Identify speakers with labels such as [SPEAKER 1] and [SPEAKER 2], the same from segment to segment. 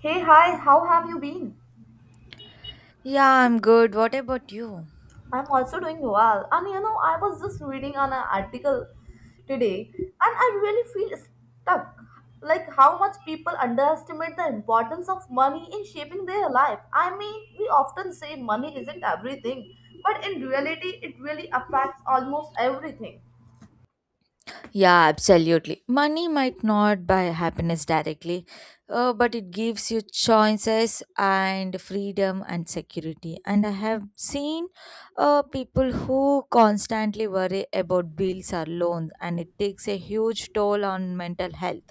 [SPEAKER 1] Hey, hi, how have you been?
[SPEAKER 2] Yeah, I'm good. What about you?
[SPEAKER 1] I'm also doing well. And you know, I was just reading on an article today and I really feel stuck. Like how much people underestimate the importance of money in shaping their life. I mean, we often say money isn't everything, but in reality, it really affects almost everything.
[SPEAKER 2] Yeah, absolutely. Money might not buy happiness directly, but it gives you choices and freedom and security. And I have seen people who constantly worry about bills or loans, and it takes a huge toll on mental health.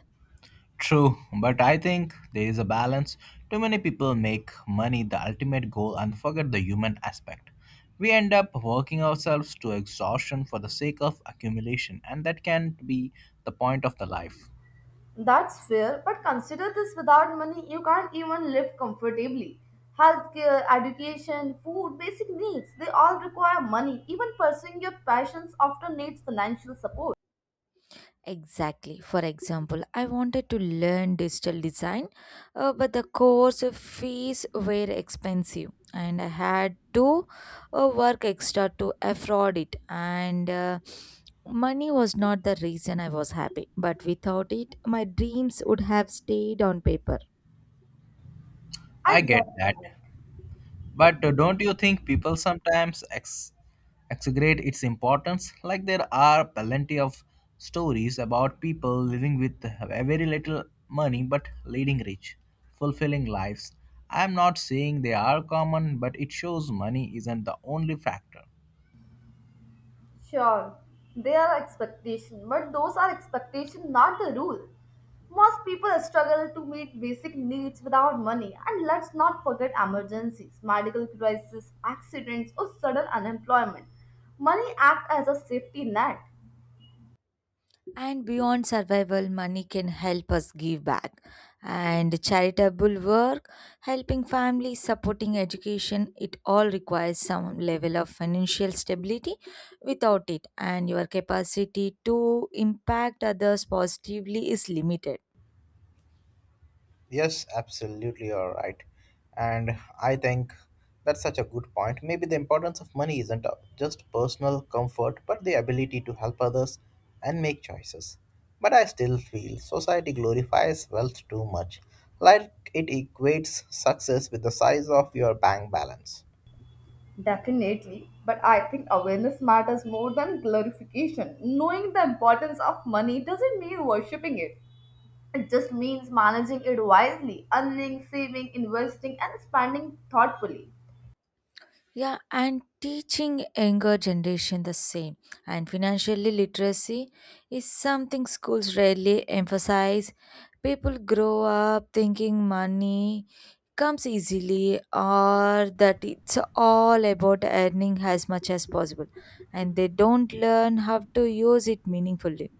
[SPEAKER 3] True, but I think there is a balance. Too many people make money the ultimate goal and forget the human aspect. We end up working ourselves to exhaustion for the sake of accumulation, and that can't be the point of the life.
[SPEAKER 1] That's fair, but consider this without money, you can't even live comfortably. Healthcare, education, food, basic needs, they all require money. Even pursuing your passions often needs financial support.
[SPEAKER 2] Exactly. For example, I wanted to learn digital design, but the course fees were expensive, and I had to work extra to afford it. And money was not the reason I was happy, but without it, my dreams would have stayed on paper.
[SPEAKER 1] I
[SPEAKER 3] I
[SPEAKER 1] get
[SPEAKER 3] get that.
[SPEAKER 1] that.
[SPEAKER 3] But don't you think people sometimes exaggerate its importance? Like there are plenty of stories about people living with a very little money but leading rich, fulfilling lives. I'm not saying they are common, but it shows money isn't the only factor.
[SPEAKER 1] Sure, they are expectation, but those are expectation, not the rule. Most people struggle to meet basic needs without money, and let's not forget emergencies, medical crises, accidents, or sudden unemployment. Money acts as a safety net.
[SPEAKER 2] And beyond survival, money can help us give back. And charitable work, helping families, supporting education, it all requires some level of financial stability. Without it, and your capacity to impact others positively is limited.
[SPEAKER 3] Yes, absolutely, you're right. And I think that's such a good point. Maybe the importance of money isn't just personal comfort, but the ability to help others and make choices. But I still feel society glorifies wealth too much, like it equates success with the size of your bank balance.
[SPEAKER 1] Definitely, but I think awareness matters more than glorification. Knowing the importance of money doesn't mean worshipping it. It just means managing it wisely, earning, saving, investing, and spending thoughtfully.
[SPEAKER 2] Yeah, and teaching younger generation the same. And financially literacy is something schools rarely emphasize. People grow up thinking money comes easily or that it's all about earning as much as possible, and they don't learn how to use it meaningfully.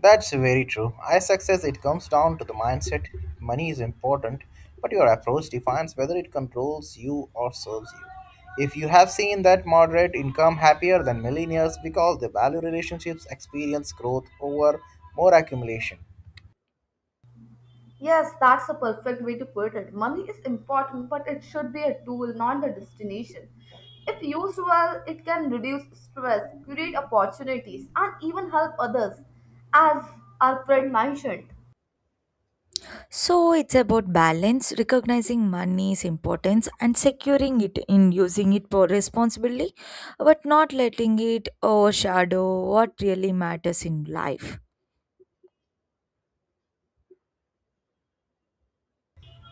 [SPEAKER 3] That's very true. I success it comes down to the mindset. Money is important, but your approach defines whether it controls you or serves you. If you have seen that moderate income happier than millionaires because they value relationships, experience growth over more accumulation.
[SPEAKER 1] Yes, that's a perfect way to put it. Money is important, but it should be a tool, not the destination. If used well, it can reduce stress, create opportunities, and even help others, as our friend mentioned.
[SPEAKER 2] So it's about balance, recognizing money's importance and securing it in using it for responsibly, but not letting it overshadow what really matters in life.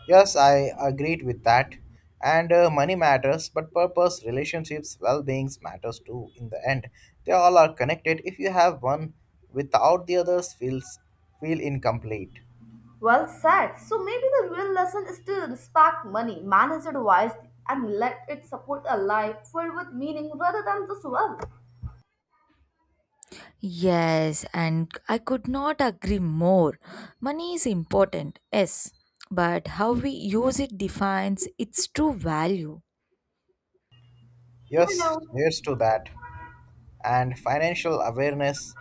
[SPEAKER 3] Yes, I agreed with that. And money matters, but purpose, relationships, well-beings matters too. In the end, they all are connected. If you have one without the others, feel incomplete.
[SPEAKER 1] Well said. So maybe the real lesson is to respect money, manage it wisely, and let it support a life filled with meaning rather than just wealth.
[SPEAKER 2] Yes, and I could not agree more. Money is important, yes, but how we use it defines its true value.
[SPEAKER 1] You
[SPEAKER 3] Yes,
[SPEAKER 1] know,
[SPEAKER 3] cheers to that. And financial awareness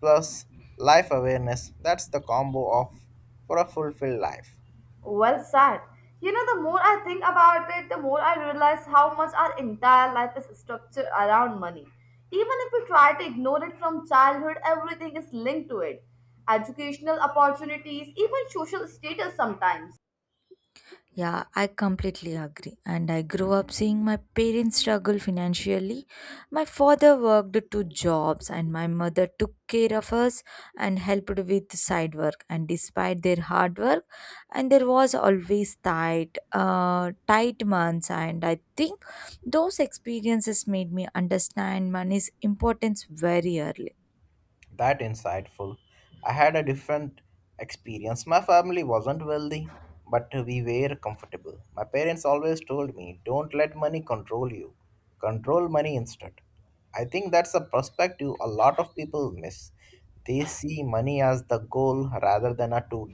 [SPEAKER 3] plus life awareness, that's the combo of for a fulfilled life.
[SPEAKER 1] well said. You know, the more I think about it, the more I realize how much our entire life is structured around money. Even if we try to ignore it from childhood, everything is linked to it. Educational opportunities, even social status sometimes.
[SPEAKER 2] Yeah, I completely agree. And I grew up seeing my parents struggle financially. My father worked two jobs, and my mother took care of us and helped with side work. And despite their hard work, and there was always tight, tight months. And I think those experiences made me understand money's importance very early.
[SPEAKER 3] That insightful. I had a different experience. My family wasn't wealthy, but we were comfortable. My parents always told me, don't let money control you. Control money instead. I think that's a perspective a lot of people miss. They see money as the goal rather than a tool.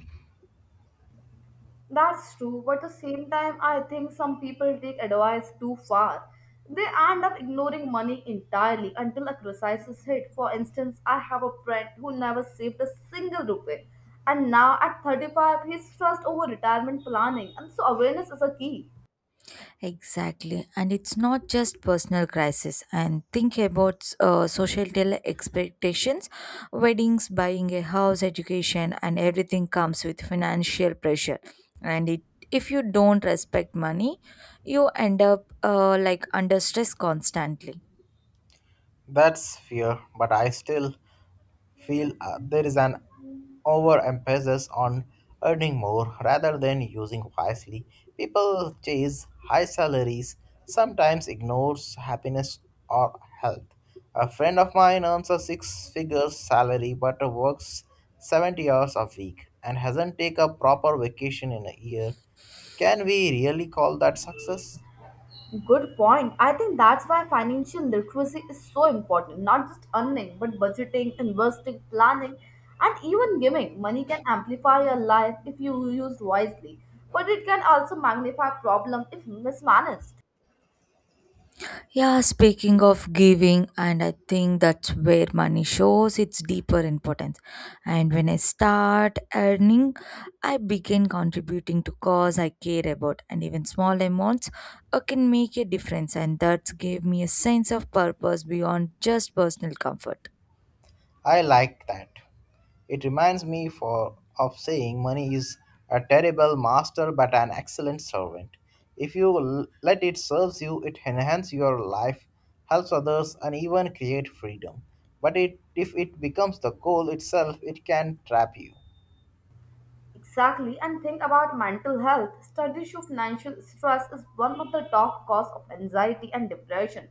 [SPEAKER 1] That's true, but at the same time, I think some people take advice too far. They end up ignoring money entirely until a crisis is hit. For instance, I have a friend who never saved a single rupee, and now at 35, he's stressed over retirement planning, and so awareness is a key.
[SPEAKER 2] Exactly. And it's not just personal crisis. And think about societal expectations, weddings, buying a house, education, and everything comes with financial pressure. And it, if you don't respect money, you end up like under stress constantly.
[SPEAKER 3] That's fear, but I still feel there is an overemphasis on earning more rather than using wisely. People chase high salaries, sometimes ignores happiness or health. A friend of mine earns a six figure salary but works 70 hours a week and hasn't taken a proper vacation in a year. Can we really call that success?
[SPEAKER 1] Good point. I think that's why financial literacy is so important. Not just earning, but budgeting, investing, planning, and even giving. Money can amplify your life if you used wisely, but it can also magnify problem if mismanaged.
[SPEAKER 2] Yeah, speaking of giving, and I think that's where money shows its deeper importance. And when I start earning, I begin contributing to cause I care about, and even small amounts can make a difference. And that gave me a sense of purpose beyond just personal comfort.
[SPEAKER 3] I like that. It reminds me for of saying money is a terrible master but an excellent servant. If you let it serves you, it enhances your life, helps others, and even create freedom. But it, if it becomes the goal itself, it can trap you.
[SPEAKER 1] Exactly. And think about mental health. Studies show financial stress is one of the top cause of anxiety and depression.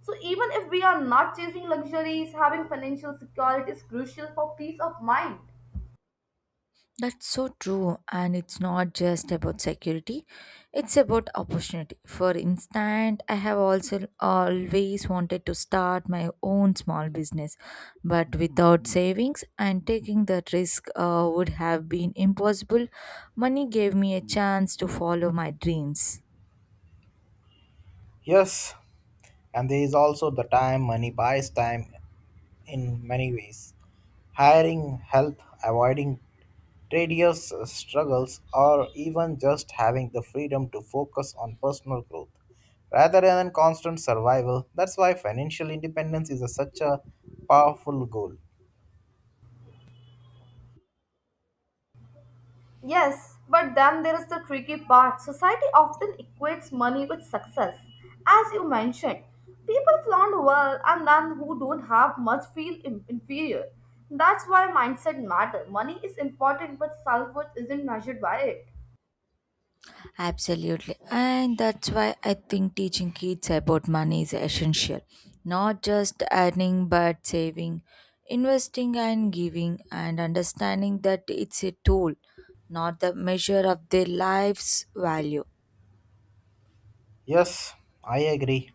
[SPEAKER 1] So even if we are not chasing luxuries, having financial security is crucial for peace of mind.
[SPEAKER 2] That's so true, and it's not just about security, it's about opportunity. For instance, I have also always wanted to start my own small business, but without savings and taking that risk would have been impossible. Money gave me a chance to follow my dreams.
[SPEAKER 3] Yes, and there is also the time money buys time in many ways. Hiring help, avoiding tedious struggles, or even just having the freedom to focus on personal growth rather than constant survival. That's why financial independence is a, such a powerful goal.
[SPEAKER 1] Yes, but then there is the tricky part. Society often equates money with success. As you mentioned, people flaunt wealth, and then who don't have much feel inferior. That's why mindset matters. Money is important, but self worth isn't measured by it.
[SPEAKER 2] Absolutely. And that's why I think teaching kids about money is essential. Not just earning, but saving, investing, and giving, and understanding that it's a tool, not the measure of their life's value.
[SPEAKER 3] Yes, I agree.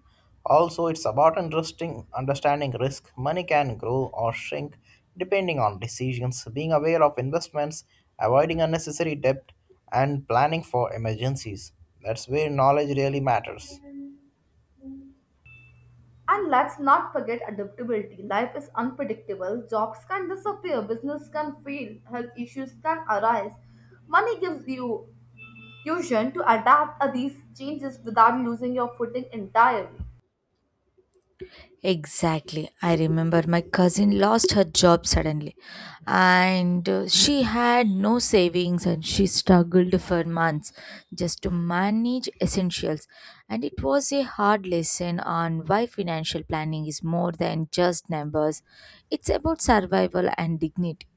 [SPEAKER 3] Also, it's about interesting understanding risk. Money can grow or shrink depending on decisions, being aware of investments, avoiding unnecessary debt, and planning for emergencies. That's where knowledge really matters.
[SPEAKER 1] And let's not forget adaptability. Life is unpredictable. Jobs can disappear, business can fail, health issues can arise. Money gives you fusion to adapt to these changes without losing your footing entirely.
[SPEAKER 2] Exactly. I remember my cousin lost her job suddenly and she had no savings and she struggled for months just to manage essentials. And it was a hard lesson on why financial planning is more than just numbers, it's about survival and dignity.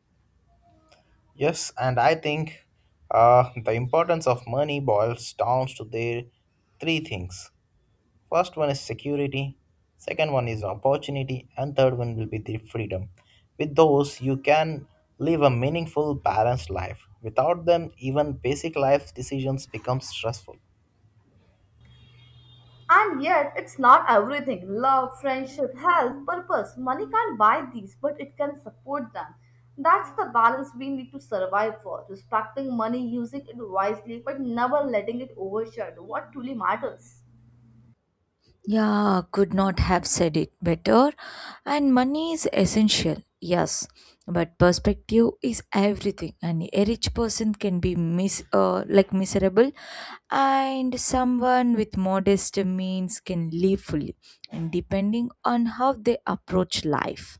[SPEAKER 3] Yes, and I think the importance of money boils down to their three things. First one is security, second one is opportunity, and third one will be the freedom. With those, you can live a meaningful, balanced life. Without them, even basic life decisions become stressful.
[SPEAKER 1] And yet, it's not everything love, friendship, health, purpose. Money can't buy these, but it can support them. That's the balance we need to survive for respecting money, using it wisely, but never letting it overshadow what truly matters.
[SPEAKER 2] Yeah, could not have said it better. And money is essential, yes, but perspective is everything. And a rich person can be miserable, and someone with modest means can live fully, and depending on how they approach life.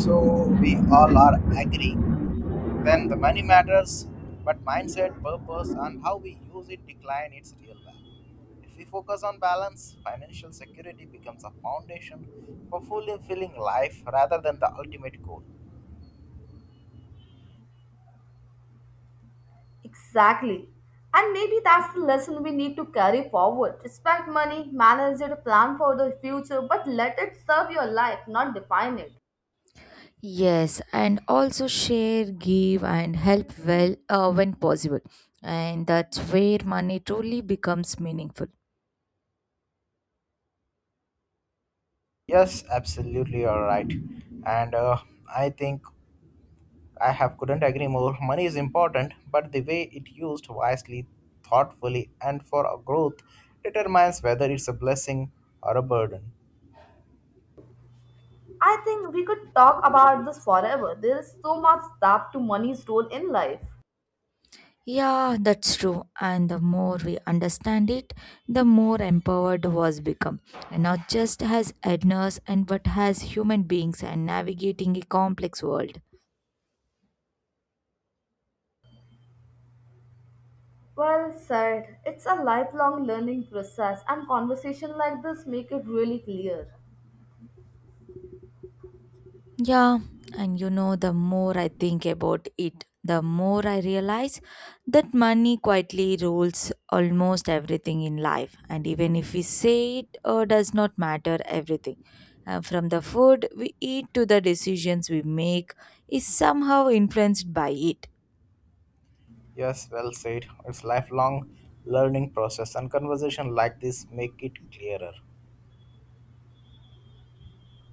[SPEAKER 3] So we all are agreeing. Then the money matters, but mindset, purpose, and how we use it decline its real value. If we focus on balance, financial security becomes a foundation for fulfilling life rather than the ultimate goal.
[SPEAKER 1] Exactly. And maybe that's the lesson we need to carry forward. Respect money, manage it, plan for the future, but let it serve your life, not define it.
[SPEAKER 2] Yes, and also share, give, and help well when possible. And that's where money truly becomes meaningful.
[SPEAKER 3] Yes, absolutely, you're right. And I think I have couldn't agree more. Money is important, but the way it used wisely, thoughtfully, and for our growth determines whether it's a blessing or a burden.
[SPEAKER 1] I think we could talk about this forever. There is so much depth to money's role in life.
[SPEAKER 2] Yeah, that's true. And the more we understand it, the more empowered was become. And not just as earners and but as human beings and navigating a complex world.
[SPEAKER 1] Well said. It's a lifelong learning process, and conversation like this make it really clear.
[SPEAKER 2] Yeah, and you know, the more I think about it, the more I realize that money quietly rules almost everything in life. And even if we say it does not matter, everything from the food we eat to the decisions we make is somehow influenced by it.
[SPEAKER 3] Yes, well said. It's lifelong learning process and conversation like this make it clearer.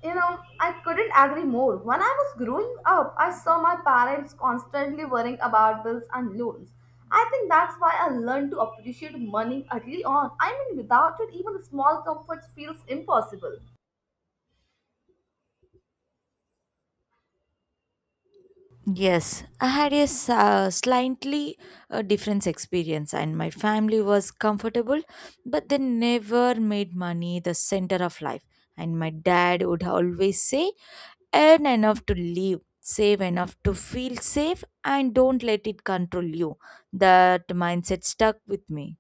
[SPEAKER 1] You know, I couldn't agree more. When I was growing up, I saw my parents constantly worrying about bills and loans. I think that's why I learned to appreciate money early on. I mean, without it, even the small comforts feels impossible.
[SPEAKER 2] Yes, I had a slightly different experience, and my family was comfortable, but they never made money the center of life. And my dad would always say, earn enough to live, save enough to feel safe, and don't let it control you. That mindset stuck with me.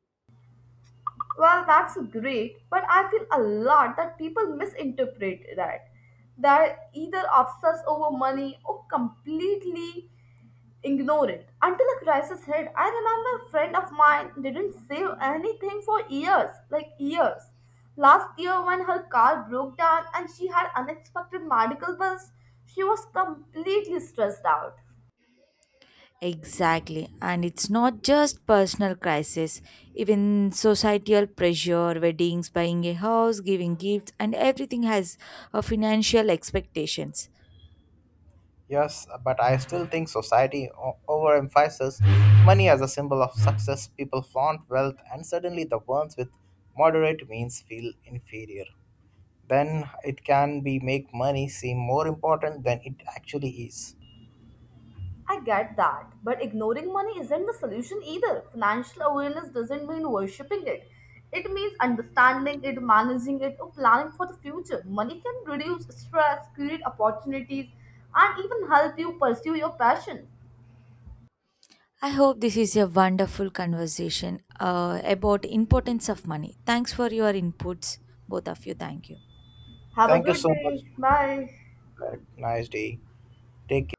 [SPEAKER 1] Well, that's great, but I feel a lot that people misinterpret that. They're either obsessed over money or completely ignore it. Until a crisis hit, I remember a friend of mine didn't save anything for years, like years. Last year, when her car broke down and she had unexpected medical bills, she was completely stressed out.
[SPEAKER 2] Exactly. And it's not just personal crisis, even societal pressure, weddings, buying a house, giving gifts, and everything has financial expectations.
[SPEAKER 3] Yes, but I still think society overemphasizes money as a symbol of success. People flaunt wealth and suddenly the ones with moderate means feel inferior. Then it can be make money seem more important than it actually is.
[SPEAKER 1] I get that, but ignoring money isn't the solution either. Financial awareness doesn't mean worshipping it. It means understanding it, managing it, or planning for the future. Money can reduce stress, create opportunities, and even help you pursue your passion.
[SPEAKER 2] I hope this is a wonderful conversation about importance of money. Thanks for your inputs, both of you. Thank you.
[SPEAKER 1] Have a
[SPEAKER 3] Thank you
[SPEAKER 1] good
[SPEAKER 3] so much.
[SPEAKER 1] day. Bye.
[SPEAKER 3] Nice day. Take care.